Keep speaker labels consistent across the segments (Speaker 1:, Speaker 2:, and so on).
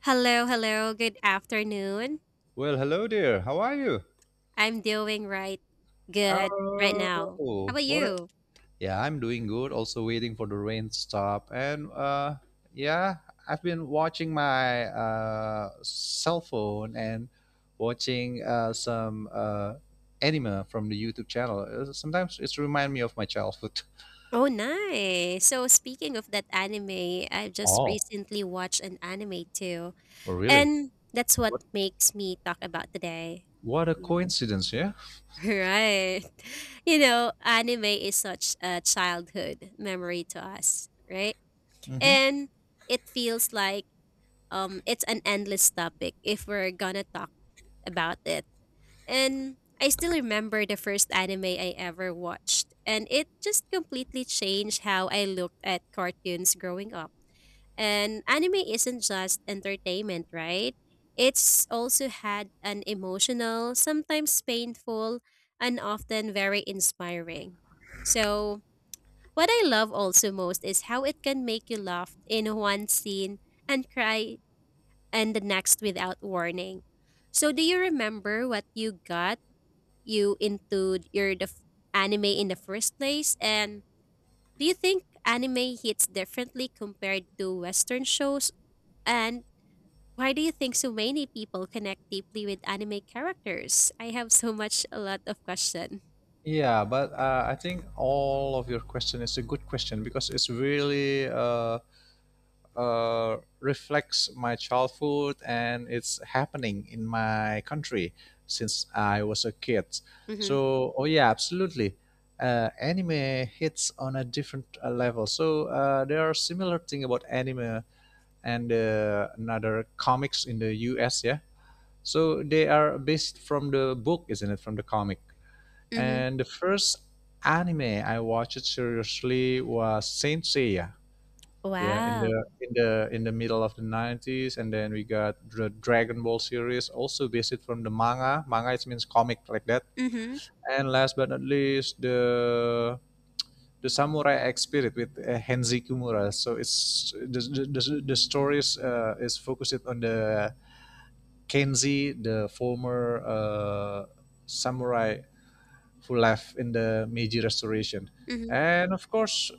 Speaker 1: Hello, hello. Good afternoon.
Speaker 2: Well, hello there. How are you?
Speaker 1: I'm doing good right now. How
Speaker 2: Oh,
Speaker 1: about
Speaker 2: what? A-
Speaker 1: you?
Speaker 2: yeah, I'm doing good. Also waiting for the rain to stop. Yeah, I've been watching my cell phone and watching some anime from the YouTube channel. Sometimes it's remind me of my childhood.
Speaker 1: Oh, nice. So speaking of that anime, I just
Speaker 2: Oh,
Speaker 1: recently watched an anime too.
Speaker 2: oh really?
Speaker 1: And that's
Speaker 2: What?
Speaker 1: what makes me talk about today.
Speaker 2: What a
Speaker 1: Yeah.
Speaker 2: coincidence, yeah.
Speaker 1: Right. Anime is such a childhood memory to us, right?
Speaker 2: hmm
Speaker 1: And it feels like it's an endless topic if we're gonna talk about it. And I still remember the first anime I ever watched, and it just completely changed how I looked at cartoons growing up. And anime isn't just entertainment, right? It's also had an emotional, sometimes painful, and often very inspiring. So, what I love also most is how it can make you laugh in one scene and cry in the next without warning. So, do you remember what you got, you into your the f- anime in the first place? And do you think anime hits differently compared to Western shows? And why do you think so many people connect deeply with anime characters? I have so much a lot of question.
Speaker 2: Yeah, but I think all of your question is a good question because it's really reflects my childhood and it's happening in my country since I was a kid.
Speaker 1: Mm-hmm.
Speaker 2: So, oh yeah, absolutely. Anime hits on a different level. So there are similar thing about anime and another comics in the US. Yeah, so they are based from the book, isn't it? From the comic.
Speaker 1: Mm-hmm.
Speaker 2: And the first anime I watched seriously was Saint Seiya. Yeah, in the
Speaker 1: Wow.
Speaker 2: in the in the middle of the 90s, and then we got the Dragon Ball series, also based from the manga. Manga it means comic like that.
Speaker 1: Mm-hmm.
Speaker 2: And last but not least, the Samurai X Spirit with Henzi Kimura. So it's the stories is focused on the Kenzi, the former samurai who left in the Meiji Restoration.
Speaker 1: Mm-hmm.
Speaker 2: And of course,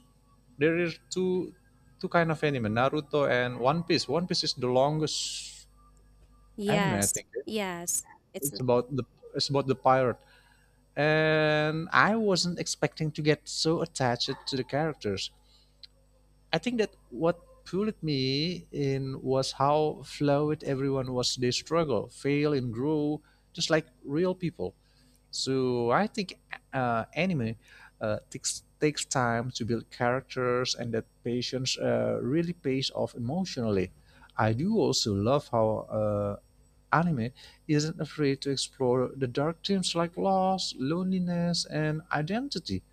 Speaker 2: there are is two two kind of anime, Naruto and One Piece. One Piece is the longest anime, I
Speaker 1: Yes.
Speaker 2: think.
Speaker 1: Yes. It's
Speaker 2: It's about the it's about the pirate. And I wasn't expecting to get so attached to the characters. I think that what pulled me in was how fluid everyone was. They struggle, fail, and grow, just like real people. So I think anime takes time to build characters, and that patience really pays off emotionally. I do also love how anime isn't afraid to explore the dark themes like loss, loneliness, and identity.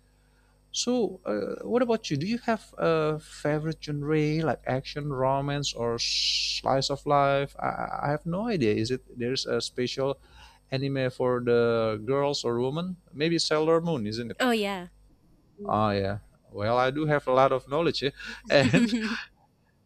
Speaker 2: So, what about you? Do you have a favorite genre like action, romance, or slice of life? I have no idea. Is it there's a special anime for the girls or women? Maybe Sailor Moon, isn't it?
Speaker 1: oh yeah.
Speaker 2: Oh yeah. Well, I do have a lot of knowledge here. And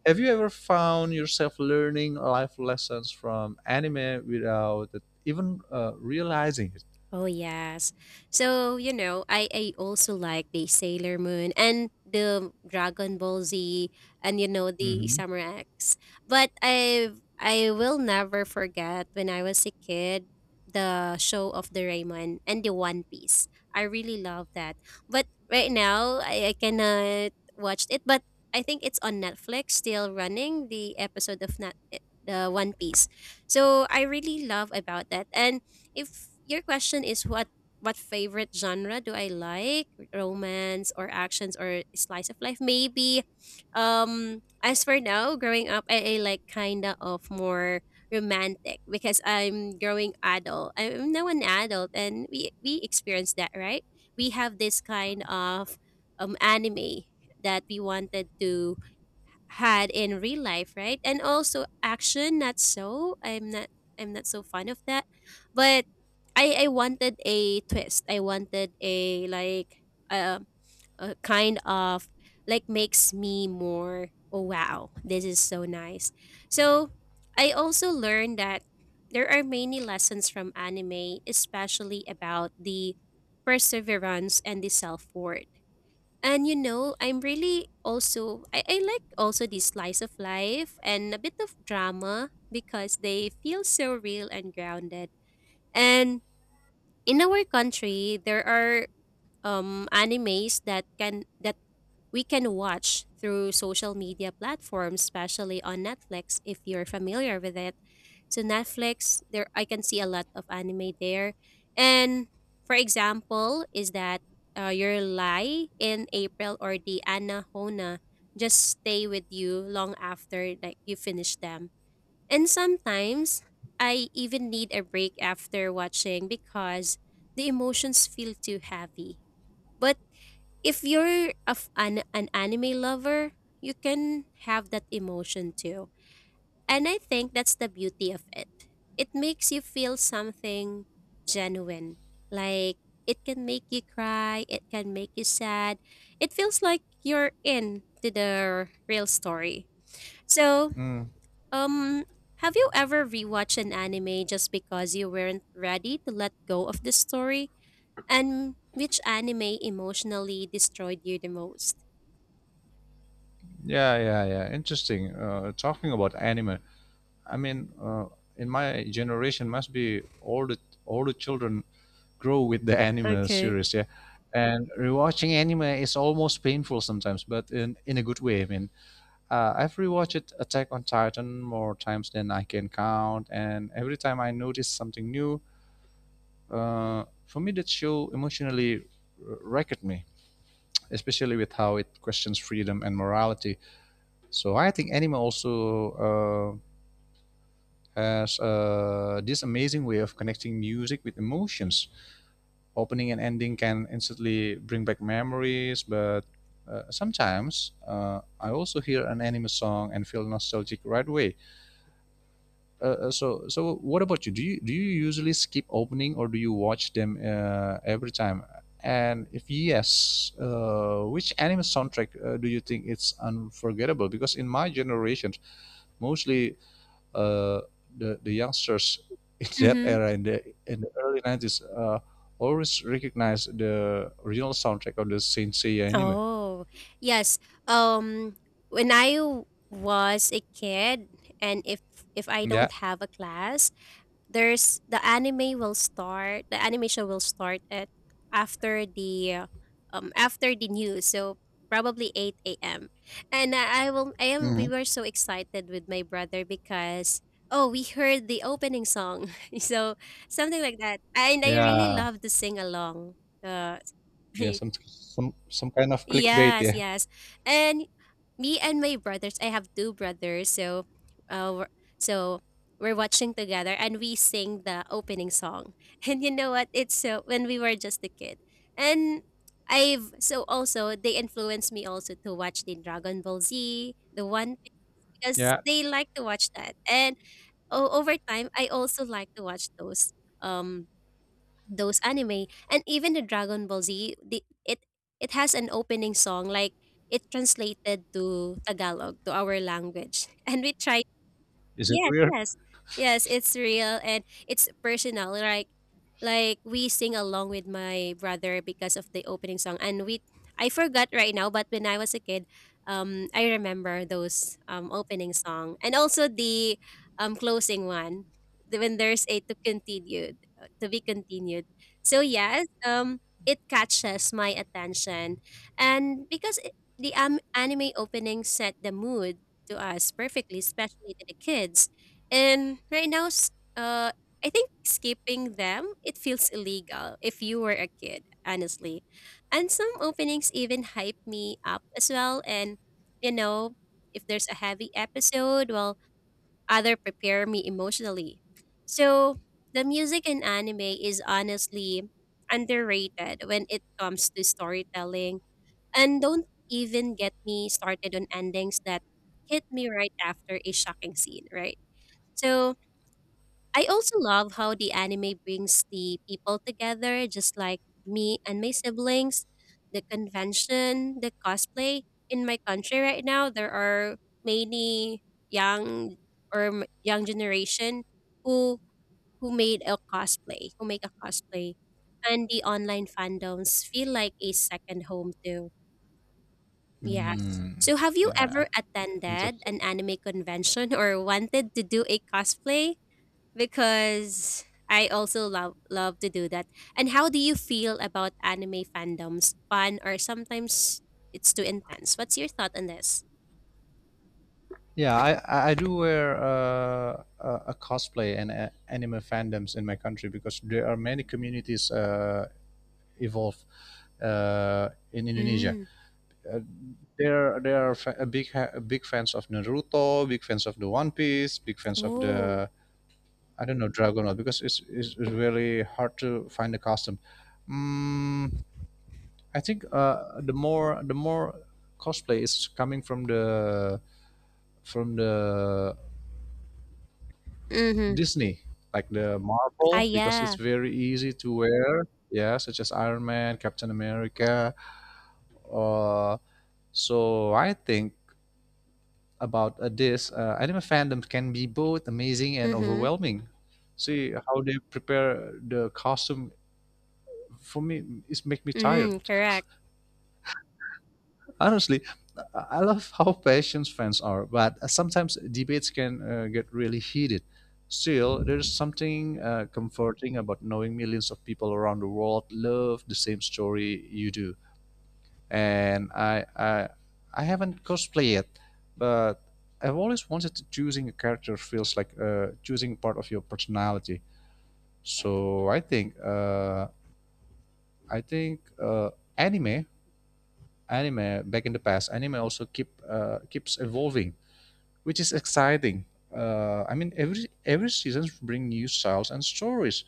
Speaker 2: have you ever found yourself learning life lessons from anime without even realizing it?
Speaker 1: Oh yes. So, I also like the Sailor Moon and the Dragon Ball Z, and you know the
Speaker 2: hmm
Speaker 1: Samurai X. But I will never forget when I was a kid the show of the Rayman and the One Piece. I really love that. But right now I cannot watch it, but I think it's on Netflix still running the episode of Net the One Piece. So I really love about that. And if your question is what favorite genre do I like, romance or actions or slice of life, maybe. As for now, growing up, I like kinda of more romantic because I'm growing adult. I'm now an adult, and we experience that, right? We have this kind of anime that we wanted to had in real life, right? And also action, not so. I'm not so fond of that. But I wanted a twist. I wanted a, like, um a kind of, like, makes me more, oh wow, this is so nice. So I also learned that there are many lessons from anime, especially about the perseverance and the self worth. And I like also the slice of life and a bit of drama because they feel so real and grounded. And in our country, there are animes that can that we can watch through social media platforms, especially on Netflix if you're familiar with it. So Netflix, there I can see a lot of anime there. And for example, is that your lie in April or the Anahona just stay with you long after like you finish them. And sometimes I even need a break after watching because the emotions feel too heavy. But if you're an anime lover, you can have that emotion too. And I think that's the beauty of it. It makes you feel something genuine. Like it can make you cry, it can make you sad. It feels like you're in to the real story. So,
Speaker 2: Mm.
Speaker 1: um have you ever rewatched an anime just because you weren't ready to let go of the story? And which anime emotionally destroyed you the most?
Speaker 2: Yeah, yeah, yeah. Interesting. Talking about anime, I mean, in my generation, must be all the children grow with the anime
Speaker 1: Okay.
Speaker 2: series, yeah. And rewatching anime is almost painful sometimes, but in a good way. I mean, I've rewatched Attack on Titan more times than I can count, and every time I notice something new, for me that show emotionally wrecked me, especially with how it questions freedom and morality. So I think anime also uh, as this amazing way of connecting music with emotions. Opening and ending can instantly bring back memories, but sometimes I also hear an anime song and feel nostalgic right away. So what about you? Do you usually skip opening or do you watch them every time? And if yes, which anime soundtrack do you think it's unforgettable? Because in my generation, mostly uh, the youngsters in that
Speaker 1: Mm-hmm.
Speaker 2: era in the early nineties always recognize the original soundtrack of the Saint Seiya anime.
Speaker 1: Oh, yes. Um, when I was a kid, and if I
Speaker 2: Yeah,
Speaker 1: don't have a class, the anime will start. The animation will start at after the after the news. So probably 8 a.m. And I will. I am.
Speaker 2: hmm
Speaker 1: We were so excited with my brother because oh, we heard the opening song. So something like that, and I
Speaker 2: Yeah.
Speaker 1: really love to sing along. Uh,
Speaker 2: Yeah, some kind of clickbait.
Speaker 1: Yes,
Speaker 2: Yeah,
Speaker 1: yes. And me and my brothers, I have two brothers, uh, we're- so we're watching together and we sing the opening song. And you know what? It's so when we were just a kid. And I've so also they influenced me also to watch the Dragon Ball Z, the One Piece, because
Speaker 2: yeah.
Speaker 1: they like to watch that. And over time I also like to watch um those anime, and even the Dragon Ball Z, the, it has an opening song, like it translated to Tagalog to our language. And we try.
Speaker 2: Is it
Speaker 1: Yes,
Speaker 2: weird?
Speaker 1: yes. Yes, it's real and it's personal. Like we sing along with my brother because of the opening song, and we I forgot right now, but when I was a kid, I remember those opening song and also the closing one, when there's a to continued to be continued. So yes, it catches my attention, and the anime opening set the mood to us perfectly, especially to the kids. And right now, I think skipping them, it feels illegal if you were a kid, honestly. And some openings even hype me up as well. And you know, if there's a heavy episode, well, other prepare me emotionally. So the music in anime is honestly underrated when it comes to storytelling, and don't even get me started on endings that hit me right after a shocking scene, right? So I also love how the anime brings the people together, just like me and my siblings, the convention, the cosplay. In my country right now, there are many young young generation who who made a cosplay, who make a cosplay, and the online fandoms feel like a second home too. Yes.
Speaker 2: Hmm.
Speaker 1: So have you
Speaker 2: Yeah,
Speaker 1: ever attended
Speaker 2: interesting.
Speaker 1: an anime convention or wanted to do a cosplay? Because I also love to do that. And how do you feel about anime fandoms? Fun or sometimes it's too intense? What's your thought on this?
Speaker 2: Yeah, I do wear a cosplay and anime fandoms in my country because there are many communities evolve in Indonesia.
Speaker 1: Mm.
Speaker 2: Uh, they're they are fa- a big ha- big fans of Naruto, big fans of the One Piece, big fans of
Speaker 1: Oh.
Speaker 2: the I don't know Dragon Ball because it's really hard to find a custom. Mm, I think the more cosplay is coming from the
Speaker 1: Mm-hmm.
Speaker 2: Disney like the
Speaker 1: Ah
Speaker 2: Marvel because it's
Speaker 1: yeah.
Speaker 2: very easy to wear. Yeah, such as Iron Man, Captain America. Uh, so I think about this anime fandom can be both amazing and
Speaker 1: Mm-hmm.
Speaker 2: overwhelming, see how they prepare the costume. For me it make me tired,
Speaker 1: Mm, correct.
Speaker 2: honestly. I love how passionate fans are but sometimes debates can get really heated. Still there's something comforting about knowing millions of people around the world love the same story you do. And I haven't cosplay it, but I've always wanted to, choosing a character feels like choosing part of your personality. So I think anime, anime back in the past anime also keeps evolving, which is exciting. I mean every season bring new styles and stories.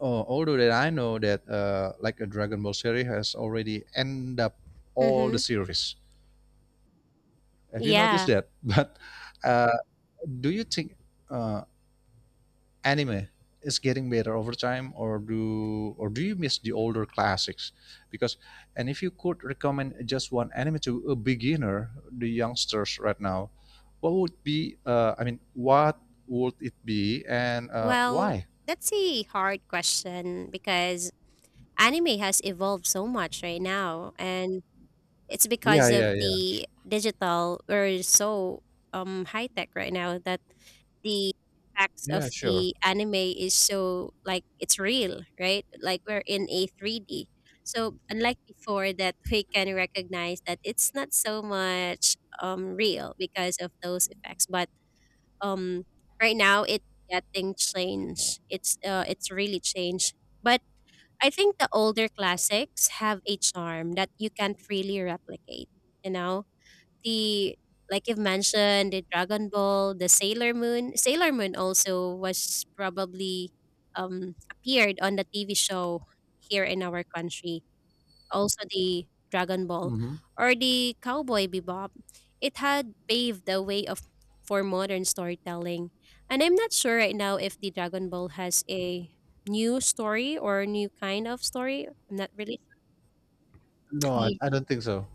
Speaker 2: Oh, although that I know that like a Dragon Ball series has already end up all the
Speaker 1: Mm-hmm.
Speaker 2: series. Have you noticed
Speaker 1: Yeah.
Speaker 2: that? But uh, do you think uh, anime is getting better over time, or do you miss the older classics? Because and if you could recommend just one anime to a beginner, the youngsters right now, what would be? I mean, what would it be, and
Speaker 1: Well,
Speaker 2: why?
Speaker 1: that's a hard question because anime has evolved so much right now, and it's
Speaker 2: Yeah,
Speaker 1: because
Speaker 2: yeah,
Speaker 1: of
Speaker 2: yeah,
Speaker 1: the digital we're so high tech right now that the effects of
Speaker 2: yeah. Sure.
Speaker 1: the anime is so like it's real, right, like we're in a 3D. So unlike before that we can recognize that it's not so much real because of those effects, but um right now it's getting changed, it's really changed. But I think the older classics have a charm that you can't really replicate. You know, the like you've mentioned, the Dragon Ball, the Sailor Moon. Sailor Moon also was probably appeared on the TV show here in our country, also the Dragon Ball,
Speaker 2: hmm
Speaker 1: or the Cowboy Bebop. It had paved the way of for modern storytelling. And I'm not sure right now if the Dragon Ball has a new story or a new kind of story. I'm not really
Speaker 2: No, I,
Speaker 1: sure.
Speaker 2: I don't think so.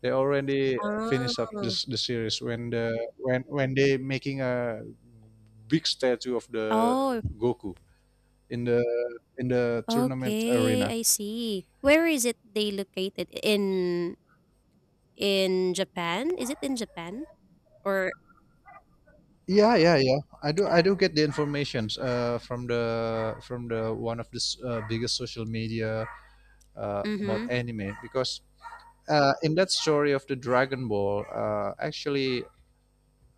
Speaker 2: They already finished up
Speaker 1: Ah.
Speaker 2: this the series when the when they making a big statue of the
Speaker 1: Oh,
Speaker 2: Goku in the tournament
Speaker 1: okay,
Speaker 2: arena.
Speaker 1: I see. Where is it they located? In Japan? Is it in Japan? Or
Speaker 2: Yeah, yeah, yeah. I do get the informations from the one of the biggest social media about
Speaker 1: Mm-hmm.
Speaker 2: anime because in that story of the Dragon Ball, actually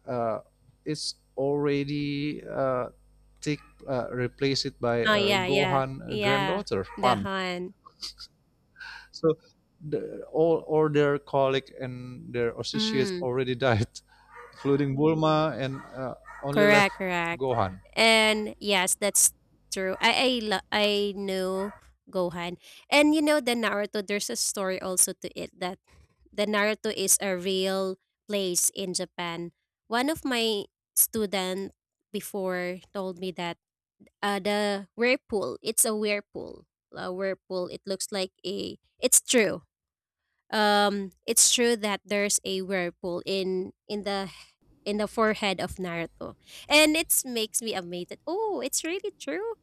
Speaker 2: uh, it's already take replace it by
Speaker 1: Oh yeah, yeah.
Speaker 2: Gohan
Speaker 1: Yeah.
Speaker 2: granddaughter
Speaker 1: The
Speaker 2: Pan.
Speaker 1: Han.
Speaker 2: So all their colleague and their associates
Speaker 1: Mm.
Speaker 2: already died, including Bulma, and only left
Speaker 1: Correct, correct.
Speaker 2: Gohan.
Speaker 1: And yes, that's true. I knew Gohan. And you know the Naruto, there's a story also to it that the Naruto is a real place in Japan. One of my student before told me that the whirlpool, it's a whirlpool. A whirlpool, it looks like a, it's true. It's true that there's a whirlpool in the forehead of Naruto. And it makes me amazed that, oh, it's really true.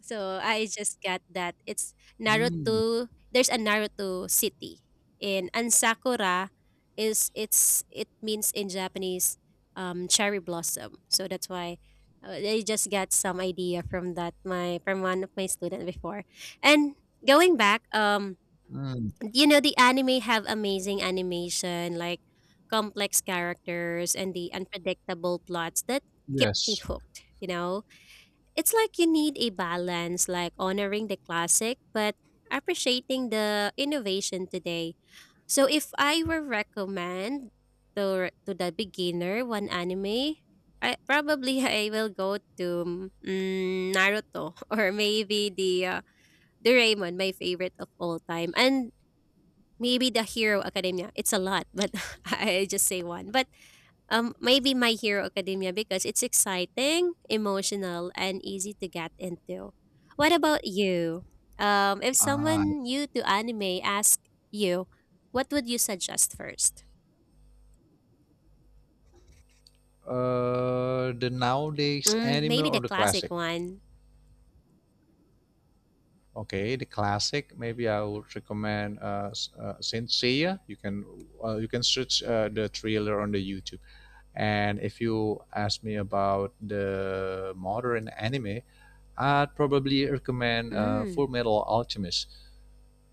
Speaker 1: So I just got that. It's
Speaker 2: Mm,
Speaker 1: Naruto. There's a Naruto city in Ansakura, is it's it means in Japanese cherry blossom. So that's why I just got some idea from one of my student before. And going back,
Speaker 2: mm,
Speaker 1: you know the anime have amazing animation, like complex characters and the unpredictable plots that keep me
Speaker 2: yes.
Speaker 1: hooked. It's like you need a balance, like honoring the classic but appreciating the innovation today. So if I were recommend to the beginner one anime, I probably I will go to Naruto. Or maybe the Raymond, my favorite of all time. And maybe The Hero Academia. It's a lot, but I just say one. But maybe My Hero Academia because it's exciting, emotional, and easy to get into. What about you? If
Speaker 2: Ah,
Speaker 1: someone new to anime asked you, what would you suggest first?
Speaker 2: the nowadays
Speaker 1: Mm,
Speaker 2: anime
Speaker 1: maybe
Speaker 2: or
Speaker 1: the
Speaker 2: the
Speaker 1: classic
Speaker 2: classic?
Speaker 1: one.
Speaker 2: Okay, the classic. Maybe I would recommend Saint Seiya. You can search the trailer on the YouTube. And if you ask me about the modern anime, I'd probably recommend
Speaker 1: Mm,
Speaker 2: Full Metal Alchemist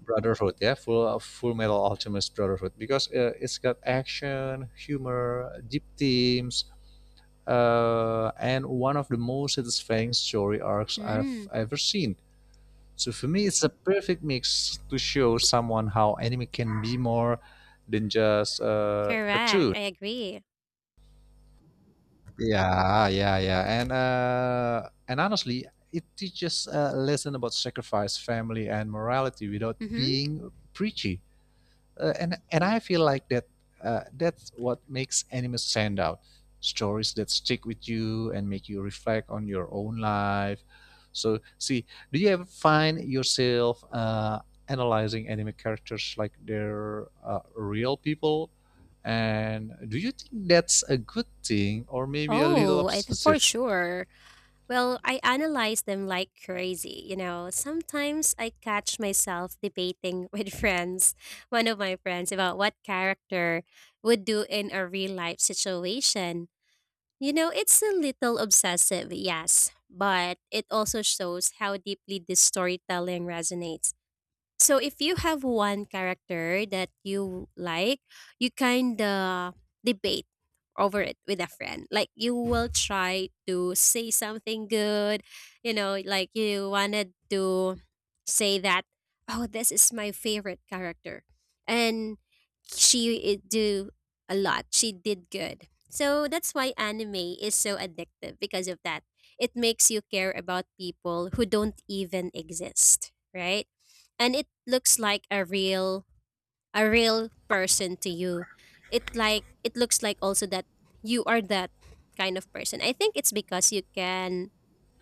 Speaker 2: Brotherhood. Yeah, Full Metal Alchemist Brotherhood because it's got action, humor, deep themes, and one of the most satisfying story arcs I've
Speaker 1: mm,
Speaker 2: ever seen. So for me, it's a perfect mix to show someone how anime can be more than just a
Speaker 1: correct.
Speaker 2: cartoon.
Speaker 1: I agree.
Speaker 2: Yeah, yeah, yeah, and honestly, it teaches a lesson about sacrifice, family, and morality without
Speaker 1: Mm-hmm.
Speaker 2: being preachy. And I feel like that that's what makes anime stand out. Stories that stick with you and make you reflect on your own life. So, see, do you ever find yourself analyzing anime characters like they're real people? And do you think that's a good thing or maybe a little
Speaker 1: Oh, for
Speaker 2: obsessive?
Speaker 1: sure. Well, I analyze them like crazy. Sometimes I catch myself debating with friends, one of my friends, about what character would do in a real life situation. It's a little obsessive, yes, but it also shows how deeply this storytelling resonates. So if you have one character that you like, you kind of debate over it with a friend. Like you will try to say something good, like you wanted to say that, oh, this is my favorite character. And she it do a lot. She did good. So that's why anime is so addictive because of that. It makes you care about people who don't even exist, right? And it looks like a real person to you. It like it looks like also that you are that kind of person. I think it's because you can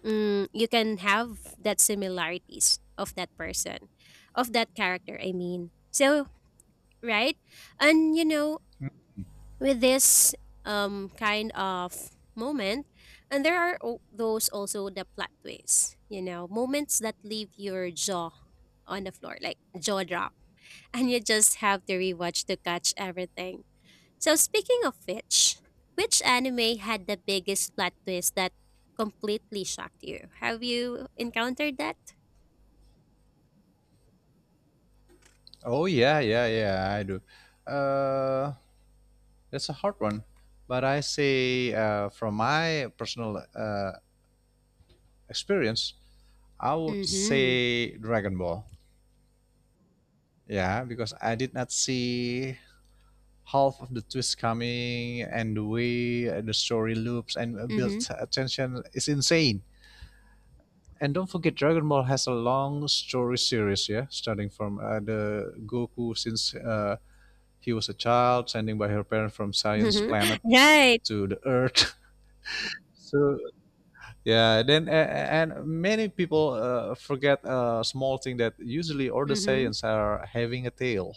Speaker 1: you can have that similarities of that person of that character, I mean. So right. And you know, with this kind of moment. And there are those also the plot twists, moments that leave your jaw on the floor, like jaw drop, and you just have to rewatch to catch everything. So, speaking of which anime had the biggest plot twist that completely shocked you? Have you encountered that?
Speaker 2: Oh yeah, yeah, yeah. I do. Uh, that's a hard one, but I say from my personal experience, I would
Speaker 1: Mm-hmm.
Speaker 2: say Dragon Ball. Yeah, because I did not see half of the twist coming and the way the story loops and builds
Speaker 1: Mm-hmm.
Speaker 2: attention is insane. And don't forget, Dragon Ball has a long story series. Yeah, starting from the Goku since he was a child, sending by her parents from Science
Speaker 1: Mm-hmm.
Speaker 2: Planet
Speaker 1: Right.
Speaker 2: to the earth. So yeah, then and many people forget a small thing that usually all the
Speaker 1: Mm-hmm.
Speaker 2: Saiyans are having a tail.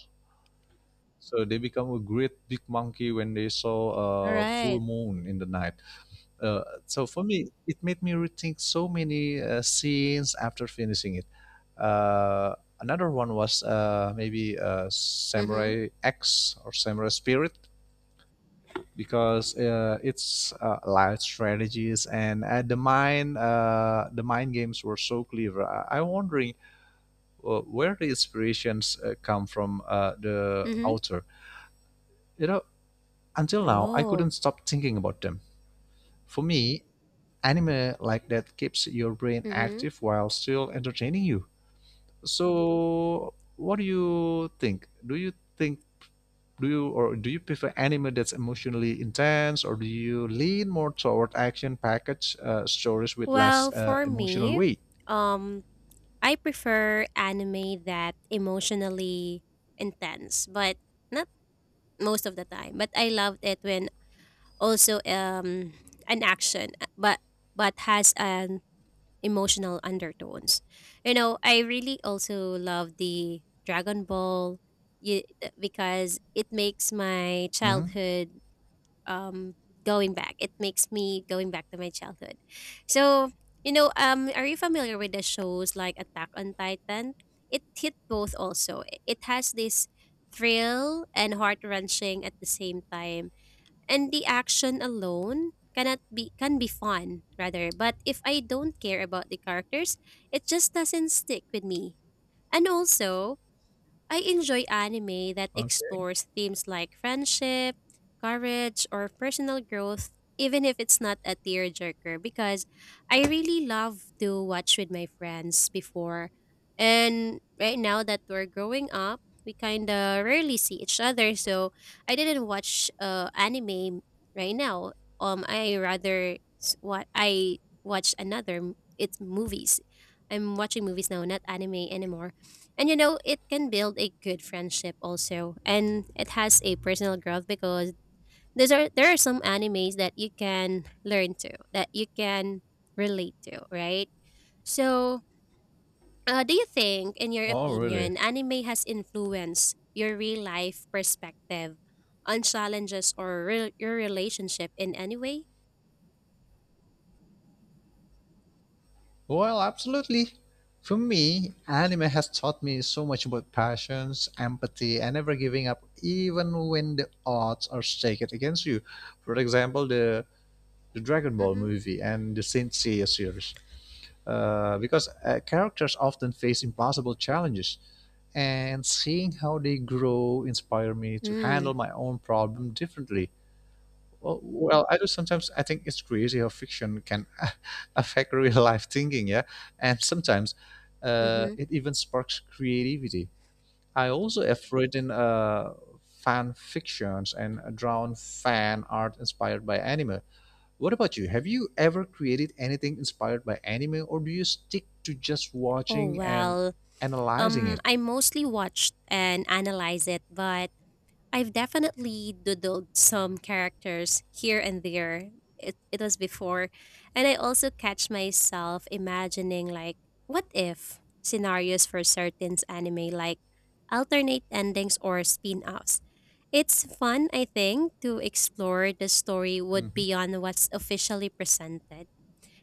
Speaker 2: So they become a great big monkey when they
Speaker 1: All
Speaker 2: saw a full
Speaker 1: right.
Speaker 2: moon in the night. So for me, it made me rethink so many scenes after finishing it. Uh, another one was maybe
Speaker 1: Mm-hmm.
Speaker 2: Samurai X or Samurai Spirit because it's loud strategies and the mind games were so clever. I'm wondering where the inspirations come from the
Speaker 1: Mm-hmm.
Speaker 2: author. You know, until now I
Speaker 1: Oh.
Speaker 2: couldn't stop thinking about them. For me, anime like that keeps your brain
Speaker 1: Mm-hmm.
Speaker 2: active while still entertaining you. So, what do you think? Do you prefer anime that's emotionally intense or do you lean more toward action package stories with less
Speaker 1: Well, for
Speaker 2: emotional
Speaker 1: me,
Speaker 2: weight?
Speaker 1: um, I prefer anime that emotionally intense, but not most of the time. But I loved it when also an action, but has an emotional undertones. You know, I really also love the Dragon Ball, y- because it makes my
Speaker 2: hmm
Speaker 1: childhood, um going back. It makes me going back to my childhood. So you know, are you familiar with the shows like Attack on Titan? It hit both also. It has this thrill and heart wrenching at the same time. And the action alone cannot be can be fun rather, but if I don't care about the characters, it just doesn't stick with me. And also I enjoy anime that explores themes like friendship, courage, or personal growth, even if it's not a tearjerker, because I really love to watch with my friends before. And right now that we're growing up, we kind of rarely see each other, so I didn't watch anime right now. I rather what I watch another. It's movies. I'm watching movies now, not anime anymore. And you know, it can build a good friendship also. And it has a personal growth because these are there are some animes that you can learn to, that you can relate to, right? So do you think, in your
Speaker 2: oh really?
Speaker 1: opinion, anime has influenced your real life perspective on challenges or your relationship in any way?
Speaker 2: Well, absolutely. For me, anime has taught me so much about passions, empathy, and never giving up, even when the odds are stacked against you. For example, the Dragon Ball
Speaker 1: Mm-hmm.
Speaker 2: movie and the Saint Seiya series. Because characters often face impossible challenges, and seeing how they grow inspired me to
Speaker 1: Mm,
Speaker 2: handle my own problem differently. Well, well, I do sometimes. I think it's crazy how fiction can affect real life thinking, yeah, and sometimes
Speaker 1: mm-hmm.
Speaker 2: it even sparks creativity. I also have written fan fictions and drawn fan art inspired by anime. What about you? Have you ever created anything inspired by anime, or do you stick to just
Speaker 1: Oh
Speaker 2: watching and
Speaker 1: well.
Speaker 2: analyzing it?
Speaker 1: I mostly watched and analyze it, but I've definitely doodled some characters here and there. It was before. And I also catch myself imagining, like, what if scenarios for certain anime, like alternate endings or spin offs. It's fun, I think, to explore the story would beyond what's officially presented.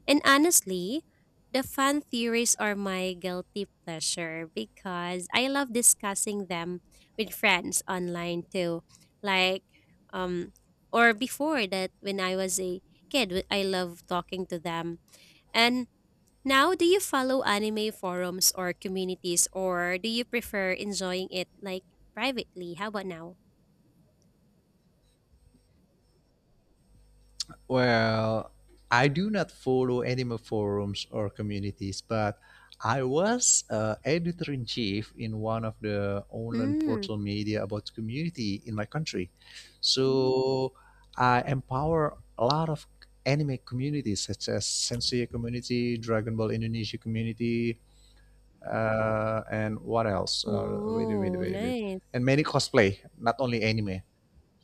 Speaker 1: And honestly, the fan theories are my guilty pleasure because I love discussing them with friends online too. Like, um, or before that, when I was a kid, I love talking to them. And now, do you follow anime forums or communities, or do you prefer enjoying it like privately? How about now?
Speaker 2: Well, I do not follow animal forums or communities, but I was editor in chief in one of the online
Speaker 1: Mm.
Speaker 2: portal media about community in my country. So I empower a lot of anime communities such as Sensei community, Dragon Ball Indonesia community, and what else? Wait a minute,
Speaker 1: Oh,
Speaker 2: wait a minute.
Speaker 1: nice.
Speaker 2: And many cosplay, not only anime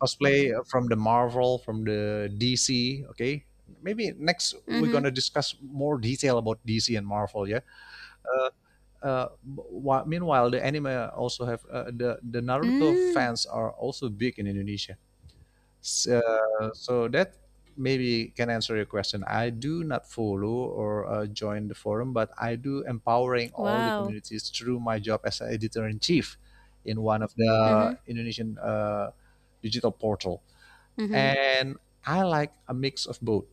Speaker 2: cosplay from the Marvel, from the DC. Okay, maybe next we're
Speaker 1: Mm-hmm.
Speaker 2: gonna discuss more detail about DC and Marvel. Yeah. Uh, Meanwhile, the anime also have the Naruto
Speaker 1: Mm.
Speaker 2: fans are also big in Indonesia. So, so that maybe can answer your question. I do not follow or join the forum, but I do empowering all the
Speaker 1: Wow.
Speaker 2: communities through my job as editor in chief in one of the
Speaker 1: Mm-hmm.
Speaker 2: Indonesian digital portal.
Speaker 1: Mm-hmm.
Speaker 2: And I like a mix of both.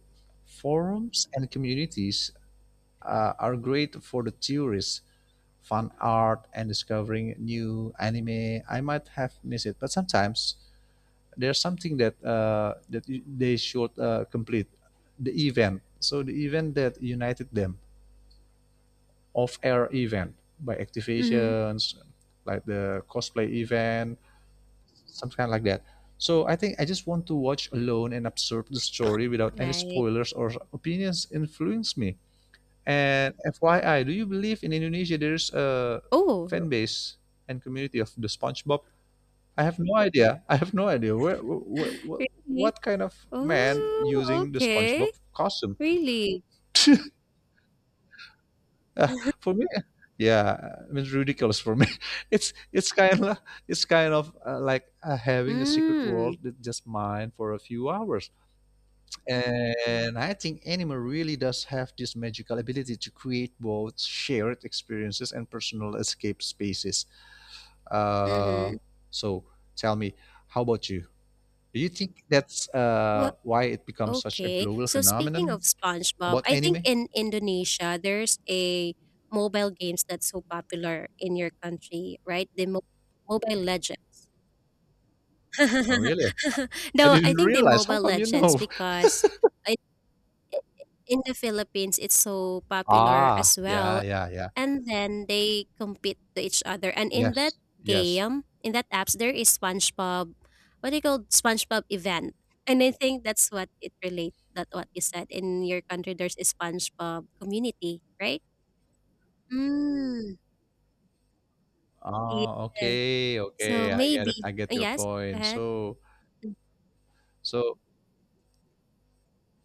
Speaker 2: Forums and communities are great for the tourists, fun art, and discovering new anime I might have missed it. But sometimes there's something that they should complete the event. So the event that united them, off-air event by
Speaker 1: Mm-hmm.
Speaker 2: activations like the cosplay event some kind like that. So I think I just want to watch alone and absorb the story without any
Speaker 1: Right.
Speaker 2: spoilers or opinions influence me. And FYI, do you believe in Indonesia there's a
Speaker 1: Oh,
Speaker 2: fan base and community of the SpongeBob? I have no idea. I have no idea
Speaker 1: really?
Speaker 2: what kind of man
Speaker 1: Oh,
Speaker 2: using the
Speaker 1: okay.
Speaker 2: SpongeBob costume.
Speaker 1: Really?
Speaker 2: Uh, for me, yeah, I mean, it's ridiculous for me. It's kind of it's kind of like having a secret
Speaker 1: Mm,
Speaker 2: world that's just mine for a few hours. And I think anime really does have this magical ability to create both shared experiences and personal escape spaces. Uh,
Speaker 1: mhm.
Speaker 2: so tell me, how about you? Do you think that's
Speaker 1: Well,
Speaker 2: why it becomes such a
Speaker 1: okay.
Speaker 2: global
Speaker 1: So speaking
Speaker 2: phenomenon
Speaker 1: of SpongeBob,
Speaker 2: about
Speaker 1: I think
Speaker 2: anime?
Speaker 1: in Indonesia there's a mobile games that's so popular in your country, right? The Mobile Legends.
Speaker 2: Oh, really? I
Speaker 1: No,
Speaker 2: didn't
Speaker 1: I think the
Speaker 2: realize. How
Speaker 1: Mobile
Speaker 2: come you
Speaker 1: Legends
Speaker 2: know?
Speaker 1: because I, in the Philippines it's so popular
Speaker 2: Ah,
Speaker 1: as
Speaker 2: yeah,
Speaker 1: well,
Speaker 2: yeah, yeah.
Speaker 1: and then they compete to each other. And in that
Speaker 2: Yes, yes.
Speaker 1: game, in that apps, there is SpongeBob. What do you call SpongeBob event? And I think that's what it relates. That what you said in your country, there's a SpongeBob community, right? Mm,
Speaker 2: Oh,
Speaker 1: yeah.
Speaker 2: okay,
Speaker 1: So
Speaker 2: okay. I get
Speaker 1: maybe
Speaker 2: it. I get your
Speaker 1: yes. Go
Speaker 2: point.
Speaker 1: ahead.
Speaker 2: So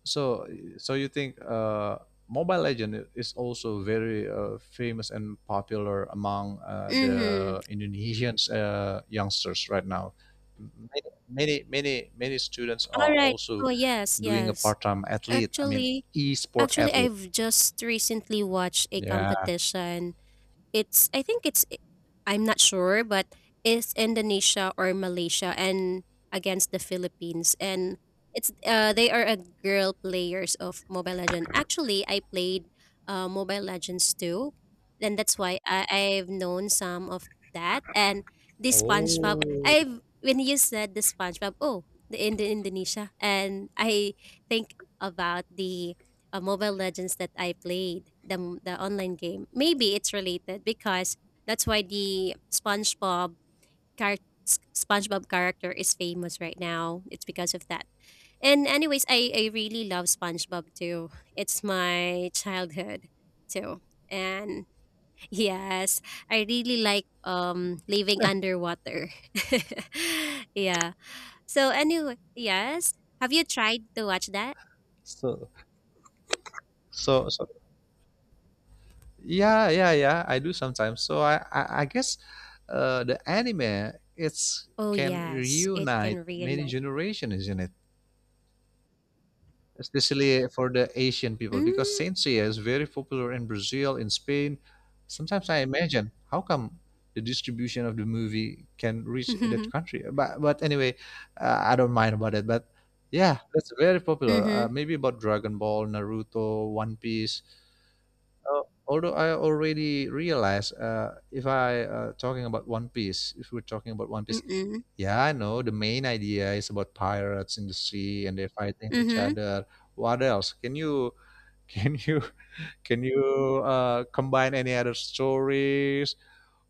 Speaker 2: So, so you think Mobile Legend is also very famous and popular among
Speaker 1: Mm-hmm.
Speaker 2: the Indonesians youngsters right now. Many, many, many, many students are
Speaker 1: All right.
Speaker 2: also
Speaker 1: Oh yes,
Speaker 2: doing a
Speaker 1: yes.
Speaker 2: part-time athlete. I mean,
Speaker 1: Actually,
Speaker 2: e-sport
Speaker 1: actually,
Speaker 2: athlete.
Speaker 1: I've just recently watched a
Speaker 2: Yeah.
Speaker 1: competition. It's I think it's am not sure, but it's Indonesia or Malaysia and against the Philippines, and it's they are a girl players of Mobile Legend. Actually, I played Mobile Legends too, and that's why I've known some of that and the
Speaker 2: Oh,
Speaker 1: SpongeBob. I've when you said the SpongeBob, oh, the in the Indonesia, and I think about the Mobile Legends that I played, the the online game. Maybe it's related because that's why the SpongeBob char- SpongeBob character is famous right now. It's because of that. And anyways, I really love SpongeBob too. It's my childhood too. And yes, I really like living underwater. Yeah. So anyway, yes. Have you tried to watch that?
Speaker 2: So, so yeah, yeah, yeah. I do sometimes. So I guess the anime it's
Speaker 1: Oh
Speaker 2: can
Speaker 1: yes, it can
Speaker 2: reunite many
Speaker 1: reunite.
Speaker 2: generations, isn't it? Especially for the Asian people, because
Speaker 1: Hmm.
Speaker 2: Sansei is very popular in Brazil, in Spain. Sometimes I imagine how come the distribution of the movie can reach that country. But anyway, I don't mind about it. But yeah, that's very popular.
Speaker 1: Mhm.
Speaker 2: Maybe about Dragon Ball, Naruto, One Piece. Although I already realize, if I talking about One Piece, if we're talking about One Piece,
Speaker 1: Mm.
Speaker 2: yeah, I know. The main idea is about pirates in the sea and they're fighting each
Speaker 1: Mhm.
Speaker 2: other. What else? Can you can you combine any other stories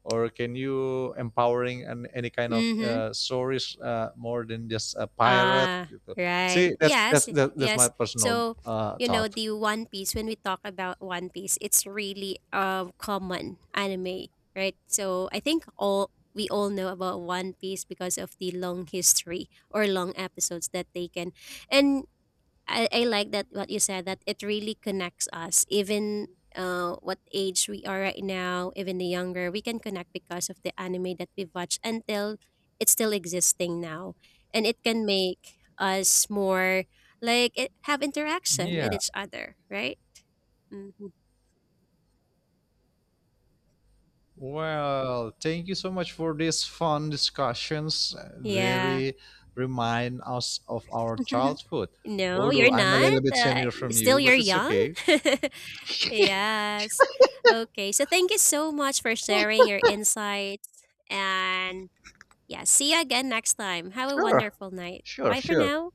Speaker 2: or can you empowering any kind of
Speaker 1: Mhm.
Speaker 2: stories more than just a pirate?
Speaker 1: Ah,
Speaker 2: Gitu.
Speaker 1: right.
Speaker 2: See, that's that's
Speaker 1: Yes,
Speaker 2: that, that's my
Speaker 1: yes.
Speaker 2: personal
Speaker 1: So, you know,
Speaker 2: thought.
Speaker 1: the One Piece, when we talk about One Piece, it's really common anime, right? So I think all we all know about One Piece because of the long history or long episodes that they can. And I like that what you said that it really connects us even what age we are right now. Even the younger we can connect because of the anime that we've watched until it's still existing now, and it can make us more like it, have interaction with
Speaker 2: Yeah,
Speaker 1: each other, right? Hmm.
Speaker 2: well, thank you so much for these fun discussions.
Speaker 1: Yeah.
Speaker 2: Very remind us of our childhood.
Speaker 1: No,
Speaker 2: Although
Speaker 1: you're
Speaker 2: I'm a little
Speaker 1: not,
Speaker 2: bit senior from you,
Speaker 1: still you're
Speaker 2: but it's
Speaker 1: young.
Speaker 2: okay.
Speaker 1: Yes, okay. So thank you so much for sharing your insights and yeah, see you again next time. Have a
Speaker 2: Sure,
Speaker 1: wonderful night.
Speaker 2: sure,
Speaker 1: Bye for
Speaker 2: sure.
Speaker 1: now.